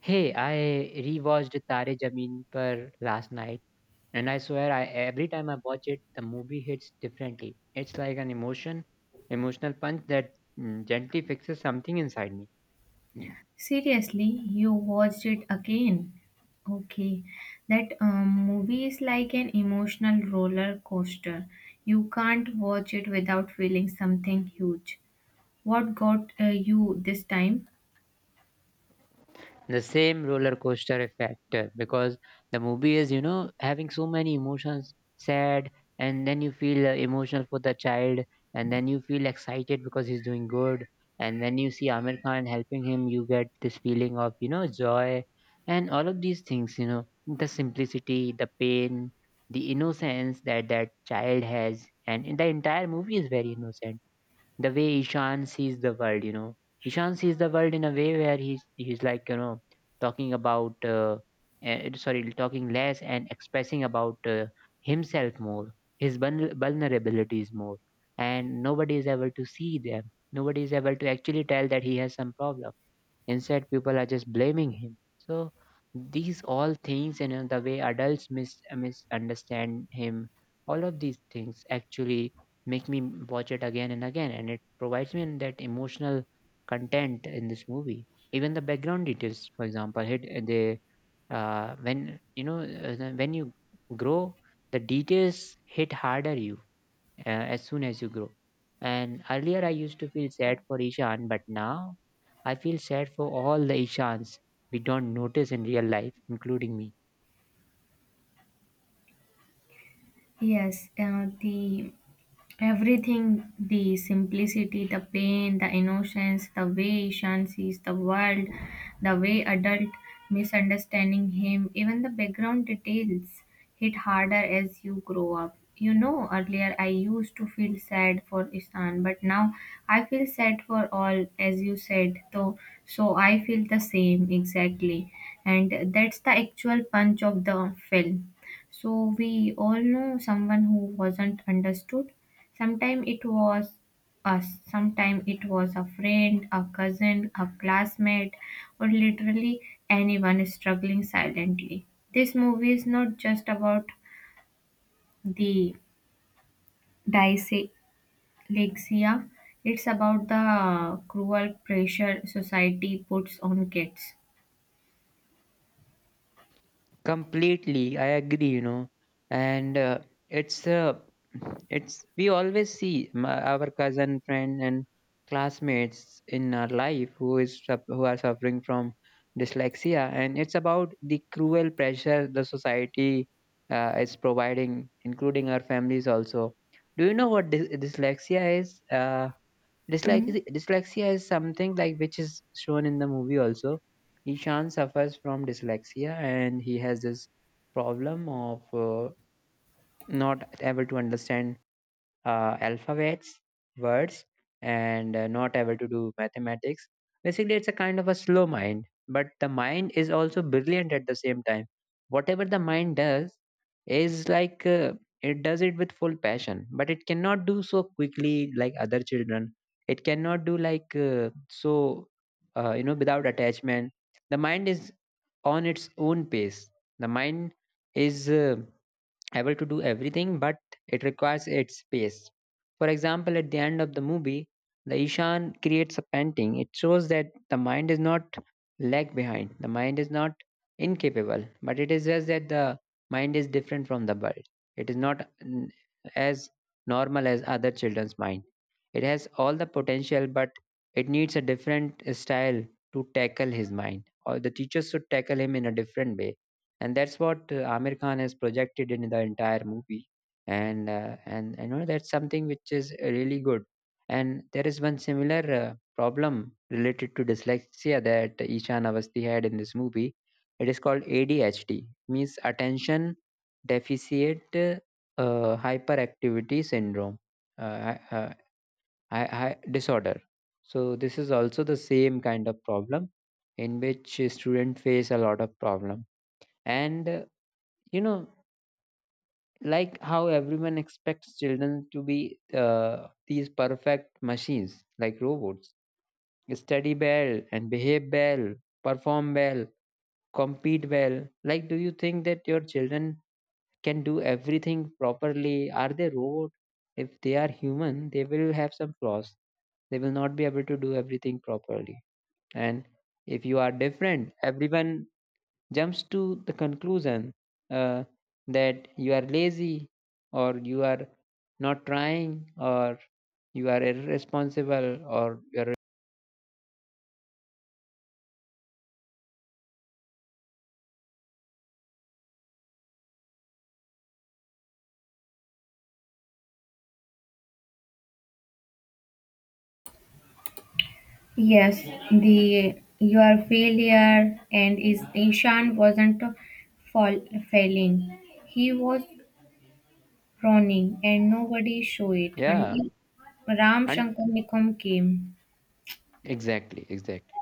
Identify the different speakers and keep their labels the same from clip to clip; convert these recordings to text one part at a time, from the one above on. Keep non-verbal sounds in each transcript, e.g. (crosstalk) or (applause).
Speaker 1: Hey, I rewatched Tare Zameen Par last night, and I swear, I every time I watch it, the movie hits differently. It's like an emotional punch that gently fixes something inside me.
Speaker 2: Seriously, you watched it again? Okay, that movie is like an emotional roller coaster. You can't watch it without feeling something huge. What got you this time?
Speaker 1: The same roller coaster effect, because the movie is, you know, having so many emotions, sad, and then you feel emotional for the child, and then you feel excited because he's doing good, and then you see Amir Khan helping him. You get this feeling of, you know, joy, and all of these things, you know, the simplicity, the pain, the innocence that child has, and the entire movie is very innocent, the way Ishan sees the world, you know. Ishan sees the world in a way where he's like, you know, talking about sorry, talking less and expressing about, himself more, his vulnerabilities more, and nobody is able to see them. Nobody is able to actually tell that he has some problem. Instead, people are just blaming him. So these all things, and you know, the way adults misunderstand him, all of these things actually make me watch it again and again, and it provides me in that emotional content in this movie. Even the background details, for example, hit, they when, you know, when you grow, the details hit harder, you as soon as you grow. And earlier I used to feel sad for Ishan, but now I feel sad for all the Ishans we don't notice in real life, including me.
Speaker 2: Yes, the Everything, the simplicity, the pain, the innocence, the way Ishan sees the world, the way adult misunderstanding him, even the background details hit harder as you grow up. You know, earlier I used to feel sad for Ishan, but now I feel sad for all, as you said. So, I feel the same exactly, and that's the actual punch of the film. So we all know someone who wasn't understood. Sometimes it was us, sometimes it was a friend, a cousin, a classmate, or literally anyone struggling silently. This movie is not just about the dyslexia, it's about the cruel pressure society puts on kids.
Speaker 1: Completely, I agree, you know, and it's it's, we always see my, our cousin, friend, and classmates in our life who who are suffering from dyslexia, and it's about the cruel pressure the society is providing, including our families also. Do you know what dyslexia is?
Speaker 2: Hmm?
Speaker 1: Dyslexia is something like which is shown in the movie also. Ishan suffers from dyslexia and he has this problem of, not able to understand alphabets, words, and, not able to do mathematics. Basically, it's a kind of a slow mind, but the mind is also brilliant at the same time. Whatever the mind does is like, it does it with full passion, but it cannot do so quickly like other children. It cannot do like, you know, without attachment. The mind is on its own pace. The mind is, able to do everything, but it requires its space. For example, at the end of the movie, the Ishan creates a painting. It shows that the mind is not lag behind, the mind is not incapable, but it is just that the mind is different from the world. It is not as normal as other children's mind. It has all the potential, but it needs a different style to tackle his mind. Or the teachers should tackle him in a different way, and that's what, Amir Khan has projected in the entire movie, and, you know, that's something which is, really good. And there is one similar, problem related to dyslexia that Ishan Avasti had in this movie. It is called ADHD, means attention deficit, hyperactivity syndrome, uh, uh, disorder. So this is also the same kind of problem in which, students face a lot of problem, and, you know, like how everyone expects children to be, these perfect machines, like robots, study well and behave well, perform well, compete well. Like, do you think that your children can do everything properly? Are they robot? If they are human, they will have some flaws. They will not be able to do everything properly. And if you are different, everyone jumps to the conclusion, uh, that you are lazy, or you are not trying, or you are irresponsible, or you're
Speaker 2: Yes, the your failure and is Ishan wasn't fall, failing. He was Ronnie, and nobody show it
Speaker 1: yeah,
Speaker 2: until Ram
Speaker 1: and
Speaker 2: Shankar Nikom came.
Speaker 1: exactly, exactly.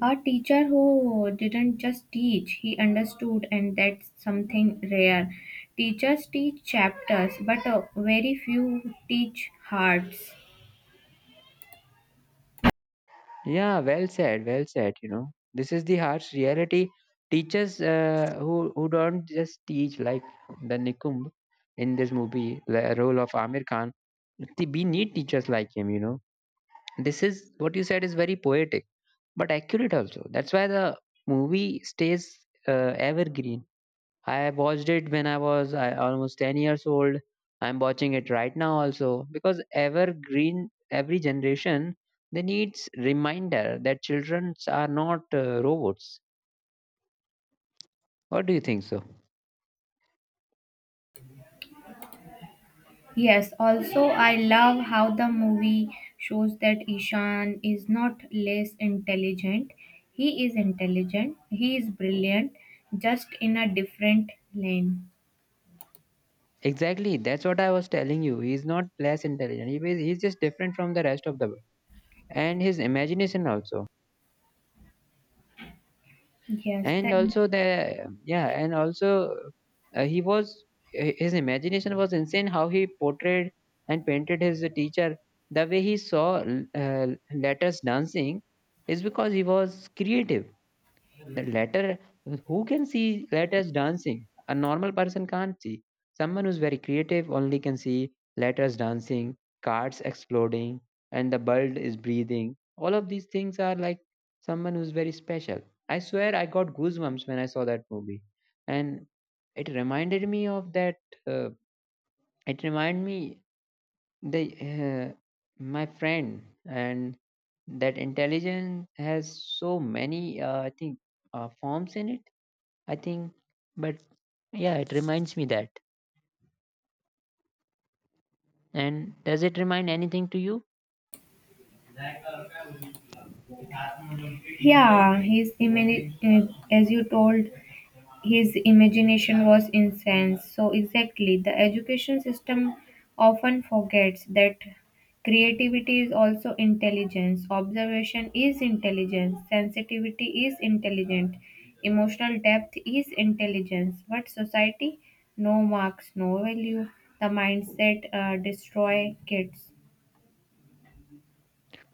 Speaker 2: A teacher who didn't just teach, he understood, and that's something rare. Teachers teach chapters, but very few teach hearts.
Speaker 1: Yeah, well said, well said. You know, this is the harsh reality. Teachers, who don't just teach, like the nikumb in this movie, the role of Amir Khan. We need teachers like him, you know. This is what you said is very poetic but accurate also. That's why the movie stays, evergreen. I watched it when I was almost 10 years old. I'm watching it right now also because evergreen, every generation, they needs reminder that children are not, robots. What do you think so?
Speaker 2: Yes, also, I love how the movie shows that Ishan is not less intelligent. He is intelligent, he is brilliant, just in a different lane.
Speaker 1: Exactly, that's what I was telling you. He's not less intelligent. He's just different from the rest of the world, and his imagination also.
Speaker 2: Yes,
Speaker 1: And
Speaker 2: the
Speaker 1: also the yeah and also He was, his imagination was insane, how he portrayed and painted his teacher, the way he saw, uh, letters dancing, is because he was creative. The latter, who can see letters dancing? A normal person can't see. Someone who's very creative only can see letters dancing, cards exploding, and the bird is breathing. All of these things are like someone who's very special. I swear I got goosebumps when I saw that movie. And it reminded me of that. Uh, it reminded me the my friend, and that intelligence has so many, I think forms in it, I think, but yeah, it reminds me that. And does it remind anything to you?
Speaker 2: Yeah, his image, as you told, his imagination was insane. So, exactly, the education system often forgets that creativity is also intelligence, observation is intelligence, sensitivity is intelligent, emotional depth is intelligence. But society, no marks, no value. The mindset destroy kids.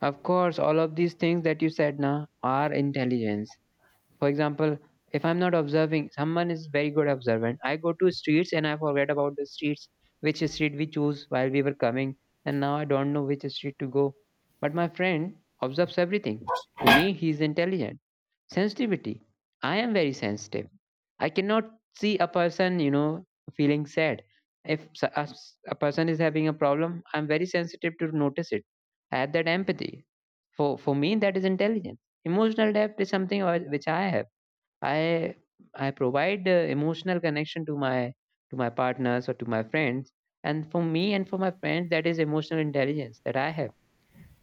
Speaker 1: Of course, all of these things that you said now are intelligence. For example, if I'm not observing, someone is very good observant. I go to streets and I forget about the streets, which street we choose while we were coming, and now I don't know which street to go. But my friend observes everything. For me, he's intelligent. Sensitivity. I am very sensitive. I cannot see a person, you know, feeling sad. If a person is having a problem, I'm very sensitive to notice it. I have that empathy. For me, that is intelligence. Emotional depth is something which I have. I I provide, emotional connection to my partners or to my friends. And for me and for my friends, that is emotional intelligence that I have,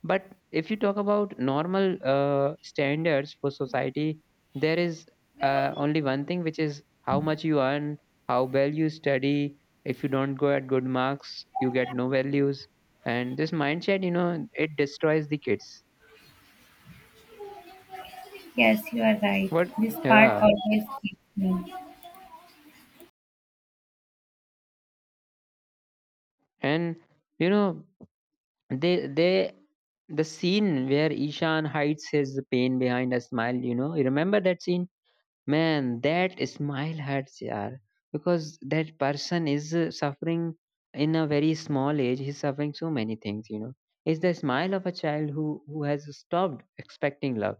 Speaker 1: but if you talk about normal, standards for society, there is, only one thing, which is how much you earn, how well you study. If you don't go at good marks, you get no values. And this mindset, you know, it destroys the kids.
Speaker 2: Yes, you are right.
Speaker 1: What?
Speaker 2: This part
Speaker 1: Yeah.
Speaker 2: always keeps me.
Speaker 1: And you know, they the scene where Ishan hides his pain behind a smile. You know, you remember that scene? Man, that smile hurts, yaar. Because that person is, suffering in a very small age. He's suffering so many things, you know. It's the smile of a child who has stopped expecting love.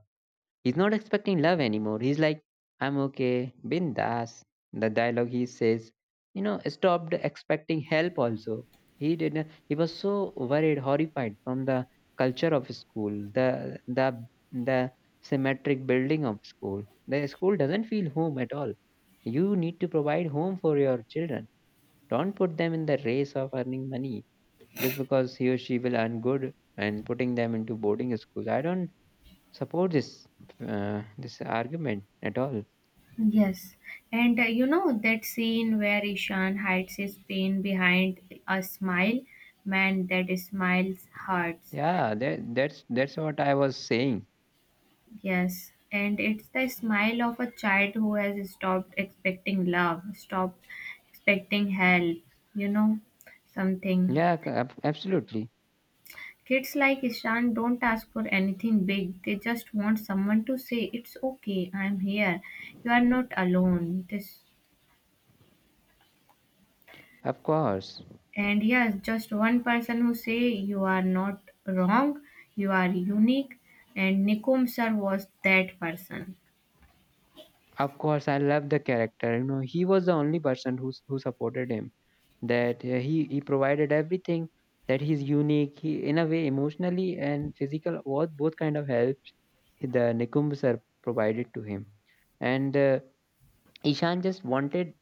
Speaker 1: He's not expecting love anymore. He's like, I'm okay, bindas. The dialogue he says, you know, stopped expecting help also. He didn't He was so worried, horrified from the culture of school, the symmetric building of school. The school doesn't feel home at all. You need to provide home for your children. Don't put them in the race of earning money just because he or she will earn good, and putting them into boarding schools. I don't support this, this argument at all.
Speaker 2: Yes, and you know that scene where Ishan hides his pain behind a smile, man, that smiles hurts.
Speaker 1: Yeah, that's what I was saying.
Speaker 2: Yes, and it's the smile of a child who has stopped expecting love, stopped expecting help, you know, something.
Speaker 1: Yeah, absolutely.
Speaker 2: Kids like Ishan don't ask for anything big, they just want someone to say, "It's okay, I'm here, you are not alone." This.
Speaker 1: Of course,
Speaker 2: And yes, just one person who say you are not wrong, you are unique, and Nikum sir was that person.
Speaker 1: of course, I love the character. You know, he was the only person who who supported him. That, he provided everything. That he's unique. He in a way emotionally and physical both kind of helped. The Nikumbh sir provided to him. And, Ishan just wanted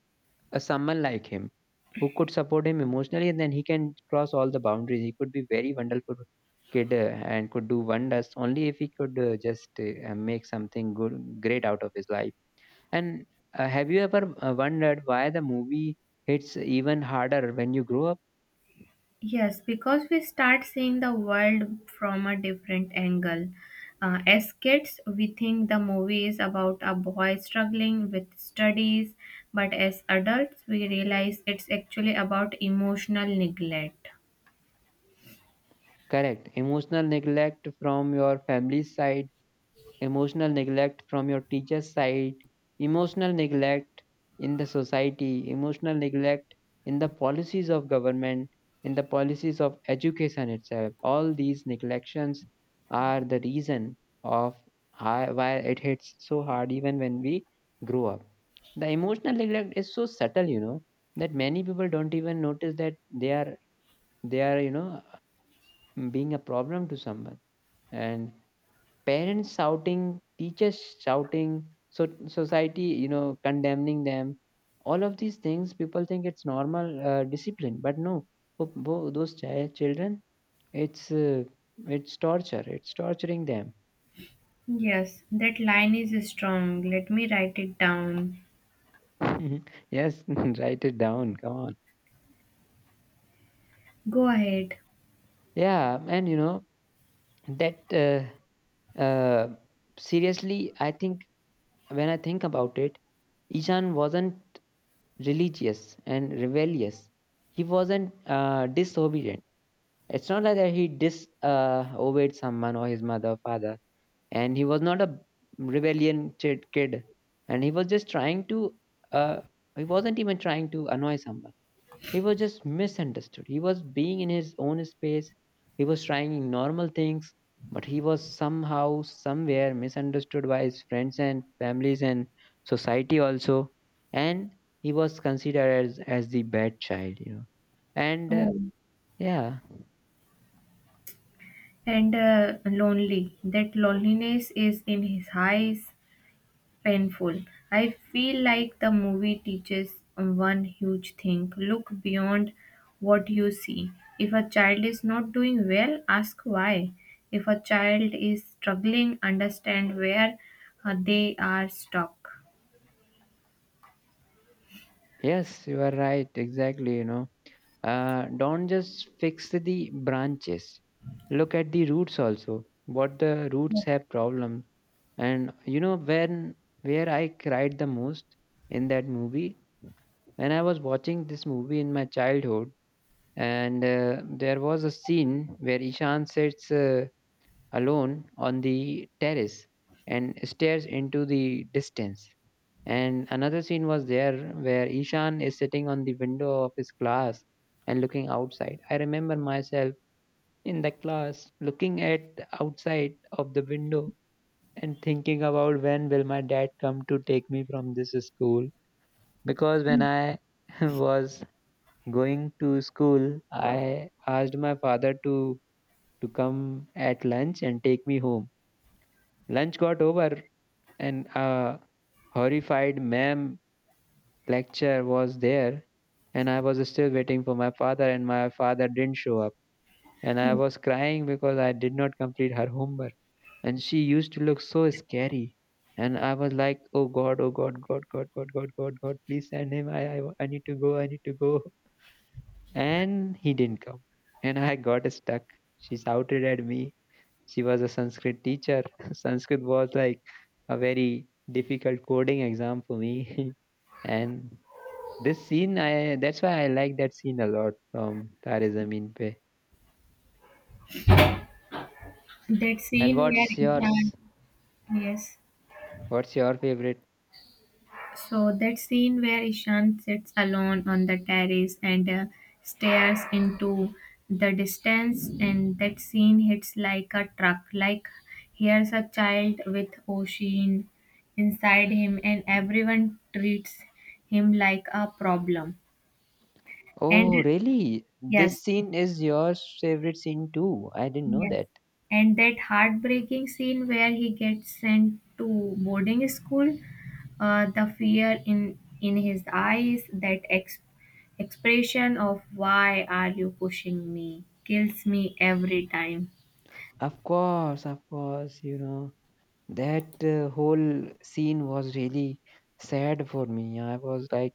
Speaker 1: a someone like him who could support him emotionally, and then he can cross all the boundaries. He could be very wonderful kid, and could do wonders only if he could, just make something good, great out of his life. And, have you ever, wondered why the movie hits even harder when you grow up?
Speaker 2: Yes, because we start seeing the world from a different angle. As kids, we think the movie is about a boy struggling with studies, but as adults, we realize it's actually about emotional neglect.
Speaker 1: Correct, emotional neglect from your family's side, emotional neglect from your teacher's side, emotional neglect in the society, emotional neglect in the policies of government, in the policies of education itself. All these neglections are the reason of why it hits so hard even when we grow up. The emotional neglect is so subtle, you know, that many people don't even notice that they are you know being a problem to someone. And parents shouting, teachers shouting, so society, you know, condemning them. All of these things, people think it's normal, discipline, but no, for those children, it's uh, it's torture. It's torturing them.
Speaker 2: Yes, that line is strong. Let me write it down.
Speaker 1: (laughs) Yes, (laughs) write it down. Come on.
Speaker 2: Go ahead.
Speaker 1: Yeah, and you know that. Uh, Seriously, I think when I think about it, Ishan wasn't religious and rebellious. He wasn't disobedient. It's not like that he dis obeyed someone or his mother or father, and he was not a kid, and he was just trying to. Uh, he wasn't even trying to annoy someone. He was just misunderstood. He was being in his own space. He was trying normal things, but he was somehow, somewhere misunderstood by his friends and families and society also, and he was considered as the bad child. And
Speaker 2: Oh,
Speaker 1: yeah.
Speaker 2: and lonely. That loneliness is in his eyes, painful. I feel like the movie teaches one huge thing: look beyond what you see. If a child is not doing well, ask why. If a child is struggling, understand where they are stuck.
Speaker 1: Yes, you are right. Exactly. You know, don't just fix the branches. Look at the roots also. What the roots have problems. And you know, when where I cried the most in that movie when I was watching this movie in my childhood, and there was a scene where Ishan sits alone on the terrace and stares into the distance, and another scene was there where Ishan is sitting on the window of his class and looking outside. I remember myself in the class looking at outside of the window and thinking about when will my dad come to take me from this school, because when I (laughs) was going to school, I asked my father to come at lunch and take me home. Lunch got over and a horrified ma'am lecture was there, and I was still waiting for my father, and my father didn't show up, and I was crying because I did not complete her homework, and she used to look so scary, and I was like, oh god, oh god god god god god god god, please send him, I need to go, I need to go, and he didn't come, and I got stuck, she shouted at me. She was a Sanskrit teacher. (laughs) Sanskrit was like a very difficult coding exam for me. (laughs) And this scene, I that's why I like that scene a lot from Tare Zameen Pe.
Speaker 2: That
Speaker 1: And
Speaker 2: scene
Speaker 1: what's
Speaker 2: where
Speaker 1: yours?
Speaker 2: Ishan, yes.
Speaker 1: What's your favorite?
Speaker 2: So that scene where Ishan sits alone on the terrace and stares into the distance, and that scene hits like a truck. Like, here's a child with ocean inside him, and everyone treats him like a problem. And
Speaker 1: Oh, really?
Speaker 2: yes.
Speaker 1: This scene is your favorite scene too. I didn't know
Speaker 2: Yes.
Speaker 1: that.
Speaker 2: And that heartbreaking scene where he gets sent to boarding school, the fear in his eyes, that expression of "why are you pushing me" kills me every time.
Speaker 1: Of course, you know. That whole scene was really sad for me. I was like,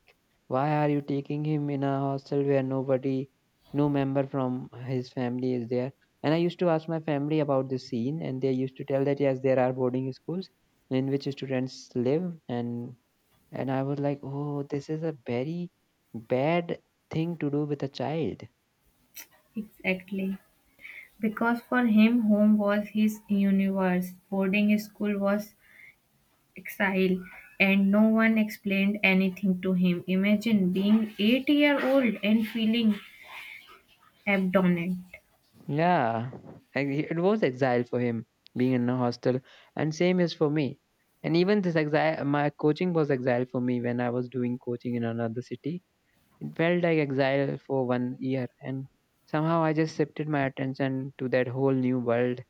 Speaker 1: why are you taking him in a hostel where nobody, no member from his family is there? And I used to ask my family about this scene, and they used to tell that yes, there are boarding schools in which students live, and I was like, oh, this is a very bad thing to do with a child.
Speaker 2: Exactly. Because for him, home was his universe, boarding school was exile, and no one explained anything to him. Imagine being 8 year old and feeling abandoned.
Speaker 1: Yeah, and it was exile for him being in a hostel, and same is for me. And even this exile, my coaching was exile for me when I was doing coaching in another city. It felt like exile for 1 year, and somehow I just shifted my attention to that whole new world.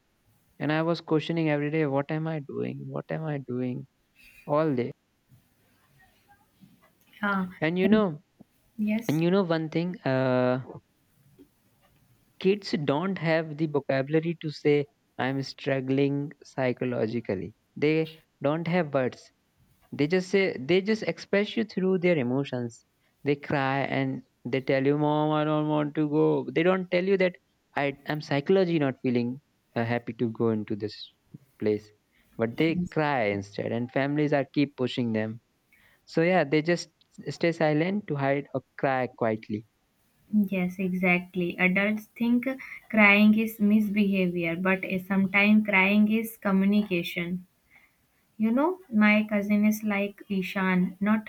Speaker 1: And I was questioning every day, what am I doing? What am I doing all day?
Speaker 2: Uh,
Speaker 1: And you
Speaker 2: and
Speaker 1: know, and
Speaker 2: yes,
Speaker 1: you know one thing. Kids don't have the vocabulary to say I'm struggling psychologically, they don't have words, they just say, they just express you through their emotions, they cry, and they tell you, mom, I don't want to go. They don't tell you that I am psychologically not feeling happy to go into this place, but they
Speaker 2: yes,
Speaker 1: cry instead, and families are keep pushing them, so yeah, they just stay silent to hide or cry quietly.
Speaker 2: yes, exactly. Adults think crying is misbehavior, but sometimes crying is communication. You know, my cousin is like Ishan, not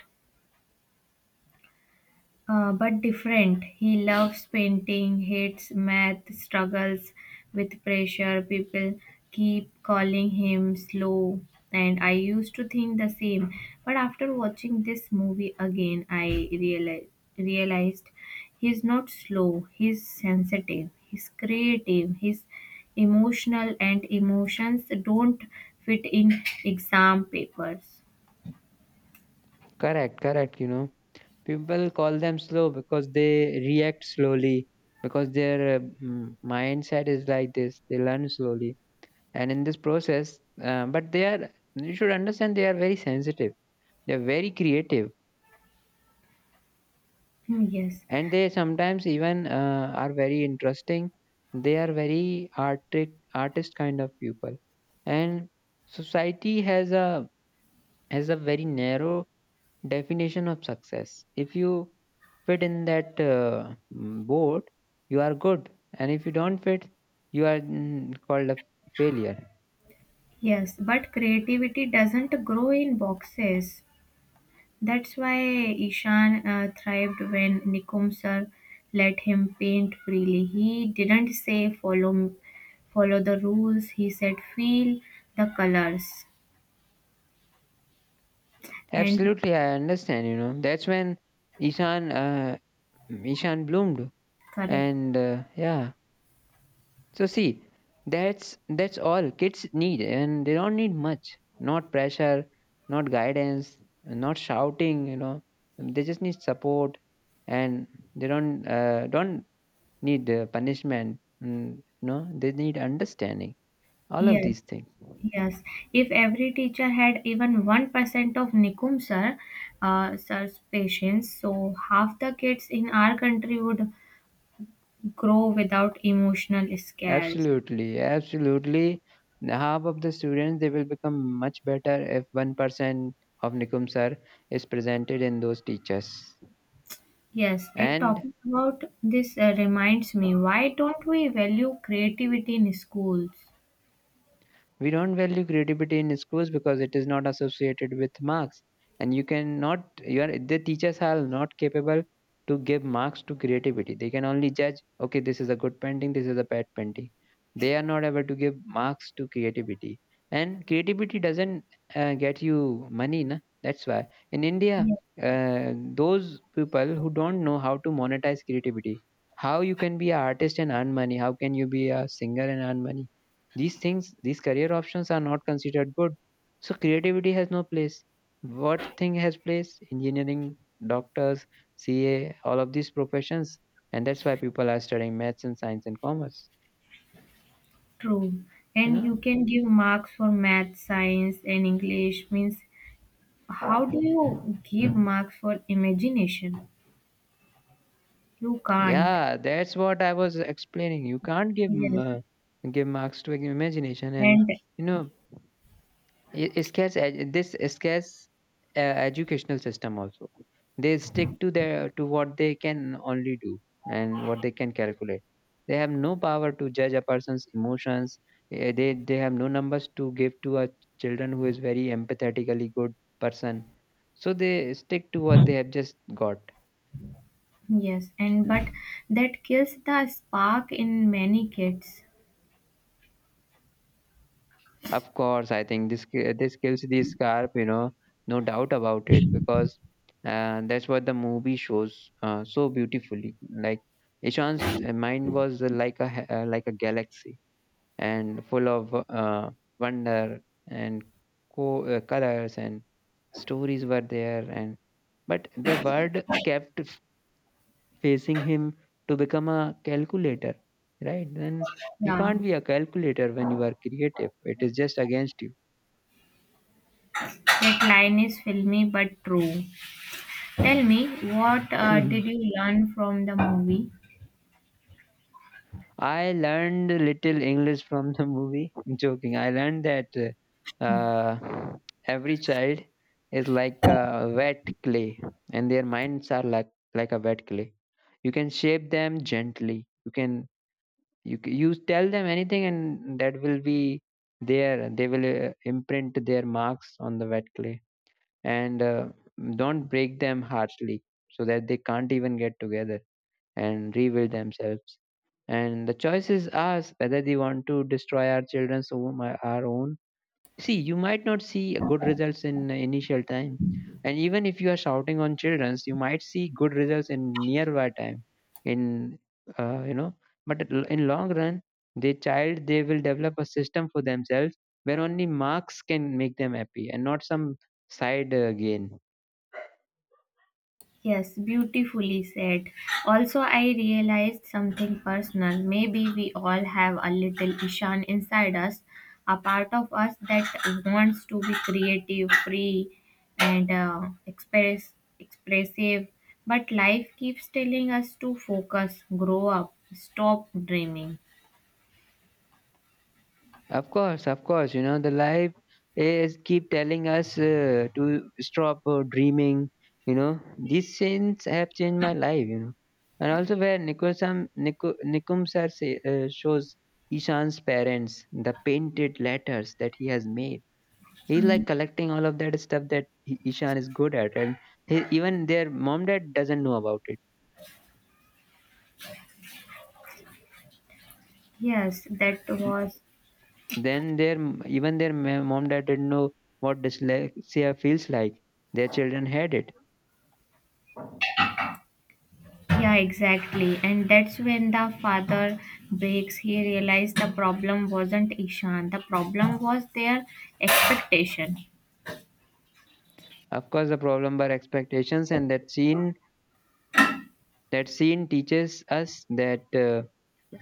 Speaker 2: but different. He loves painting, hates math, struggles with pressure. People keep calling him slow, and I used to think the same. But after watching this movie again, I realized he's not slow. He's sensitive. He's creative. He's emotional, and emotions don't fit in exam papers.
Speaker 1: Correct, correct, you know. People call them slow because they react slowly, because their mindset is like this. They learn slowly, and in this process, but they are. You should understand they are very sensitive. They are very creative,
Speaker 2: Hmm. Yes.
Speaker 1: and they sometimes even are very interesting. They are very artist kind of people, and society has a very narrow definition of success. If you fit in that board, you are good, and if you don't fit, you are called a failure.
Speaker 2: Yes, but creativity doesn't grow in boxes. That's why Ishan thrived when Nikum sir let him paint freely. He didn't say follow the rules. He said feel the colors. And
Speaker 1: Absolutely, I understand. You know, that's when Ishan uh, Ishan bloomed,
Speaker 2: correct.
Speaker 1: and yeah. So see, that's all kids need, and they don't need much. Not pressure, not guidance, not shouting. You know, they just need support, and they don't need punishment, and no, they need understanding, all of these
Speaker 2: Yes.
Speaker 1: things.
Speaker 2: Yes, if every teacher had even 1% of Nikum sir's patience, so half the kids in our country would grow without emotional scares.
Speaker 1: Absolutely, absolutely. Half of the students they will become much better if 1% of Nikum sir is presented in those teachers.
Speaker 2: Yes, a
Speaker 1: And
Speaker 2: topic about this reminds me, why don't we value creativity in schools?
Speaker 1: we don't value creativity in schools because it is not associated with marks. And you cannot, you are, the teachers are not capable to give marks to creativity. They can only judge, okay, this is a good painting, this is a bad painting. They are not able to give marks to creativity. And creativity doesn't get you money, na? That's why. In India,
Speaker 2: Yes,
Speaker 1: those people who don't know how to monetize creativity, how you can be an artist and earn money, how can you be a singer and earn money? These things, these career options are not considered good, so creativity has no place. What thing has place? Engineering, doctors, CA, all of these professions, and that's why people are studying maths and science and commerce.
Speaker 2: true.
Speaker 1: You
Speaker 2: And
Speaker 1: know,
Speaker 2: you can give marks for math, science, and English. Means, how do you give marks for imagination? You can't.
Speaker 1: yeah, that's what I was explaining, you can't give
Speaker 2: Yes,
Speaker 1: uh, give marks to imagination. And
Speaker 2: and
Speaker 1: you know, this scares educational system also. They stick to their to what they can only do and what they can calculate. They have no power to judge a person's emotions. They have no numbers to give to a children who is very empathetically good person. So they stick to what they have just got.
Speaker 2: yes, and but that kills the spark in many kids.
Speaker 1: Of course, I think this kills the scarp, you know, no doubt about it, because that's what the movie shows so beautifully. Like Ishan's mind was like a like a galaxy and full of wonder and colors, and stories were there, and but the world kept facing him to become a calculator, right? Then you
Speaker 2: Yeah,
Speaker 1: can't be a calculator when you are creative. It is just against
Speaker 2: that line is filmy but true. Tell me, what
Speaker 1: you.
Speaker 2: did
Speaker 1: (laughs)
Speaker 2: you learn from the movie?
Speaker 1: I learned little English from the movie. I'm joking. I learned that uh, every child is like a wet clay, and their minds are like a wet clay. You can shape them gently. You can, you tell them anything, and that will be there. They will imprint their marks on the wet clay, and don't break them harshly so that they can't even get together and rebuild themselves. And the choice is ours whether they want to destroy our children's own, our own. See, you might not see good results in the initial time, and even if you are shouting on children's, you might see good results in nearby time. In You know, but in long run, the child they will develop a system for themselves where only marks can make them happy and not some side gain.
Speaker 2: Yes, beautifully said. Also, I realized something personal. Maybe we all have a little Ishan inside us, a part of us that wants to be creative, free, and expressive. But life keeps telling us to focus, grow up, stop dreaming.
Speaker 1: Of course, of course. You know, the life is keep telling us to stop dreaming. You know, these sins have changed my life. You know, and also where Nikum sir say, shows Ishan's parents the painted letters that he has made. He's
Speaker 2: Mm.
Speaker 1: like collecting all of that stuff that Ishan is good at, and he, even their mom dad doesn't know about it.
Speaker 2: Yes, that was
Speaker 1: Then their m- even their ma- mom dad didn't know what dyslexia feels like. Their children had it.
Speaker 2: Yeah, exactly. And that's when the father breaks. He realized the problem wasn't Ishan, the problem was their expectation.
Speaker 1: Of course, the problem were expectations, and that scene, that scene teaches us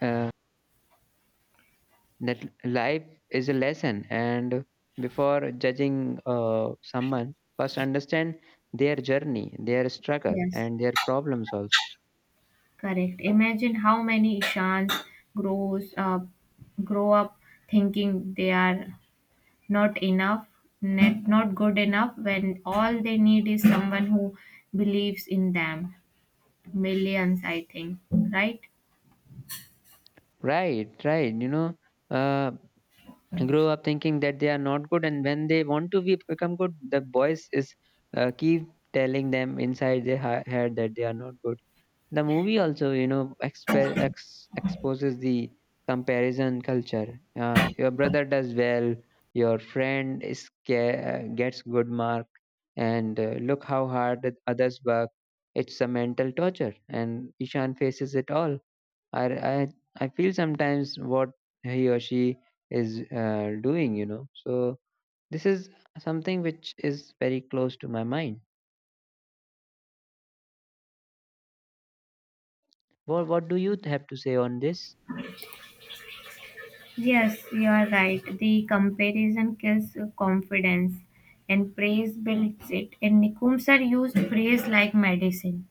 Speaker 1: uh, that life is a lesson, and before judging someone, first understand their journey, their struggle,
Speaker 2: Yes,
Speaker 1: and their problems also.
Speaker 2: correct. Imagine how many Ishans grows up, grow up thinking they are not enough, not good enough, when all they need is someone who believes in them. Millions, I think, right?
Speaker 1: Right, right. You know, uh, grow up thinking that they are not good, and when they want to be become good, the voice is keep telling them inside their head that they are not good. The movie also, you know, exposes the comparison culture. Your brother does well, your friend is gets good mark, and look how hard the others work. It's a mental torture, and Ishan faces it all. I I, I feel sometimes what he or she is doing, you know. So this is something which is very close to my mind. What do you have to say on this?
Speaker 2: Yes, you are right. The comparison kills confidence and praise builds it. And Nicombs are used praise like medicine.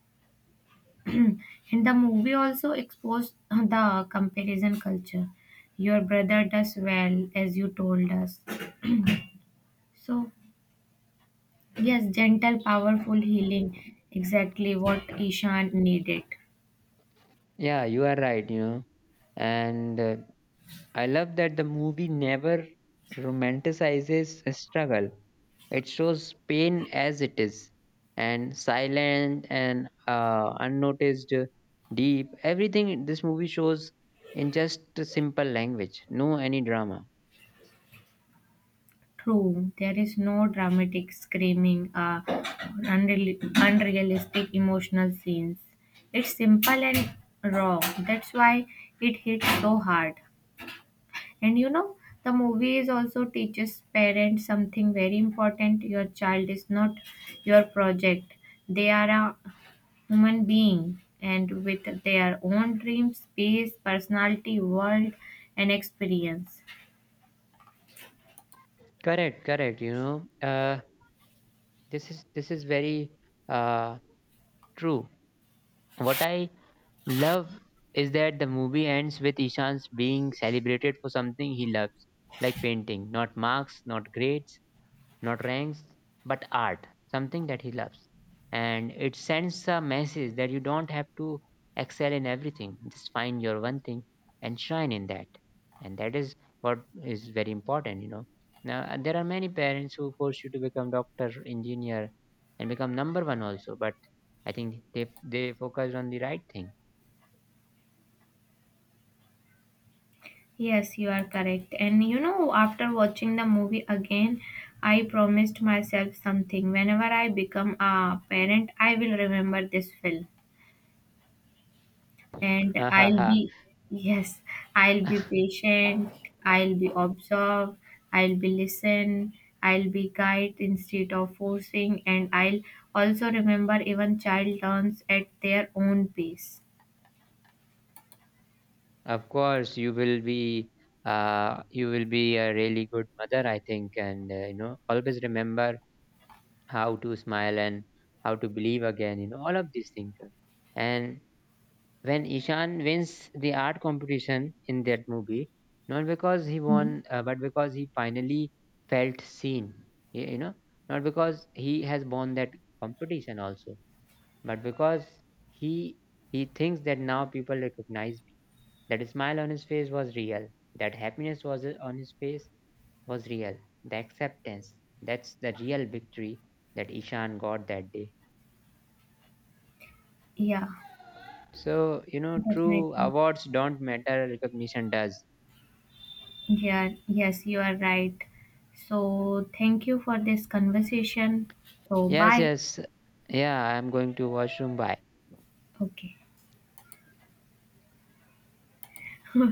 Speaker 2: (clears throat) And the movie also exposed the comparison culture. Your brother does well, as you told us. So, yes, gentle, powerful healing, exactly what Ishan needed.
Speaker 1: Yeah, you are right. You know. And I love that the movie never romanticizes a struggle. It shows pain as it is, and silent and unnoticed, deep. Everything this movie shows in just a simple language. No any drama.
Speaker 2: True, there is no dramatic screaming or unrealistic emotional scenes. It's simple and raw. That's why it hits so hard. And you know, the movie also teaches parents something very important. Your child is not your project. They are a human being and with their own dreams, space, personality, world and experience.
Speaker 1: Correct, correct. You know, this is very uh, true. What I love is that the movie ends with Ishan's being celebrated for something he loves, like painting. Not marks, not grades, not ranks, but art, something that he loves. And it sends a message that you don't have to excel in everything, just find your one thing and shine in that. And that is what is very important, you know. Now, there are many parents who force you to become doctor, engineer, and become number one also, but I think they focused on the right thing.
Speaker 2: Yes, you are correct. And you know, after watching the movie again, I promised myself something. Whenever I become a parent, I will remember this film. And I'll
Speaker 1: (laughs)
Speaker 2: be, yes, I'll be patient, I'll be observed, I'll be listen, I'll be guide instead of forcing, and I'll also remember even child learns at their own pace.
Speaker 1: Of course, you will be a really good mother, I think, and you know, always remember how to smile and how to believe again. You know all of these things. And when Ishan wins the art competition in that movie, not because he
Speaker 2: Mhm.
Speaker 1: won, but because he finally felt seen. You know, not because he has won that competition also, but because he he thinks that now people recognize. That smile on his face was real. That happiness was on his face was real. The acceptance. That's the real victory that Ishan got that day.
Speaker 2: Yeah,
Speaker 1: So, you know, true
Speaker 2: definitely.
Speaker 1: awards don't matter, recognition does.
Speaker 2: Yeah, yes, you are right. So, thank you for this conversation. So,
Speaker 1: Yes,
Speaker 2: bye.
Speaker 1: yes. Yeah, I'm going to washroom. Bye.
Speaker 2: Okay. (laughs)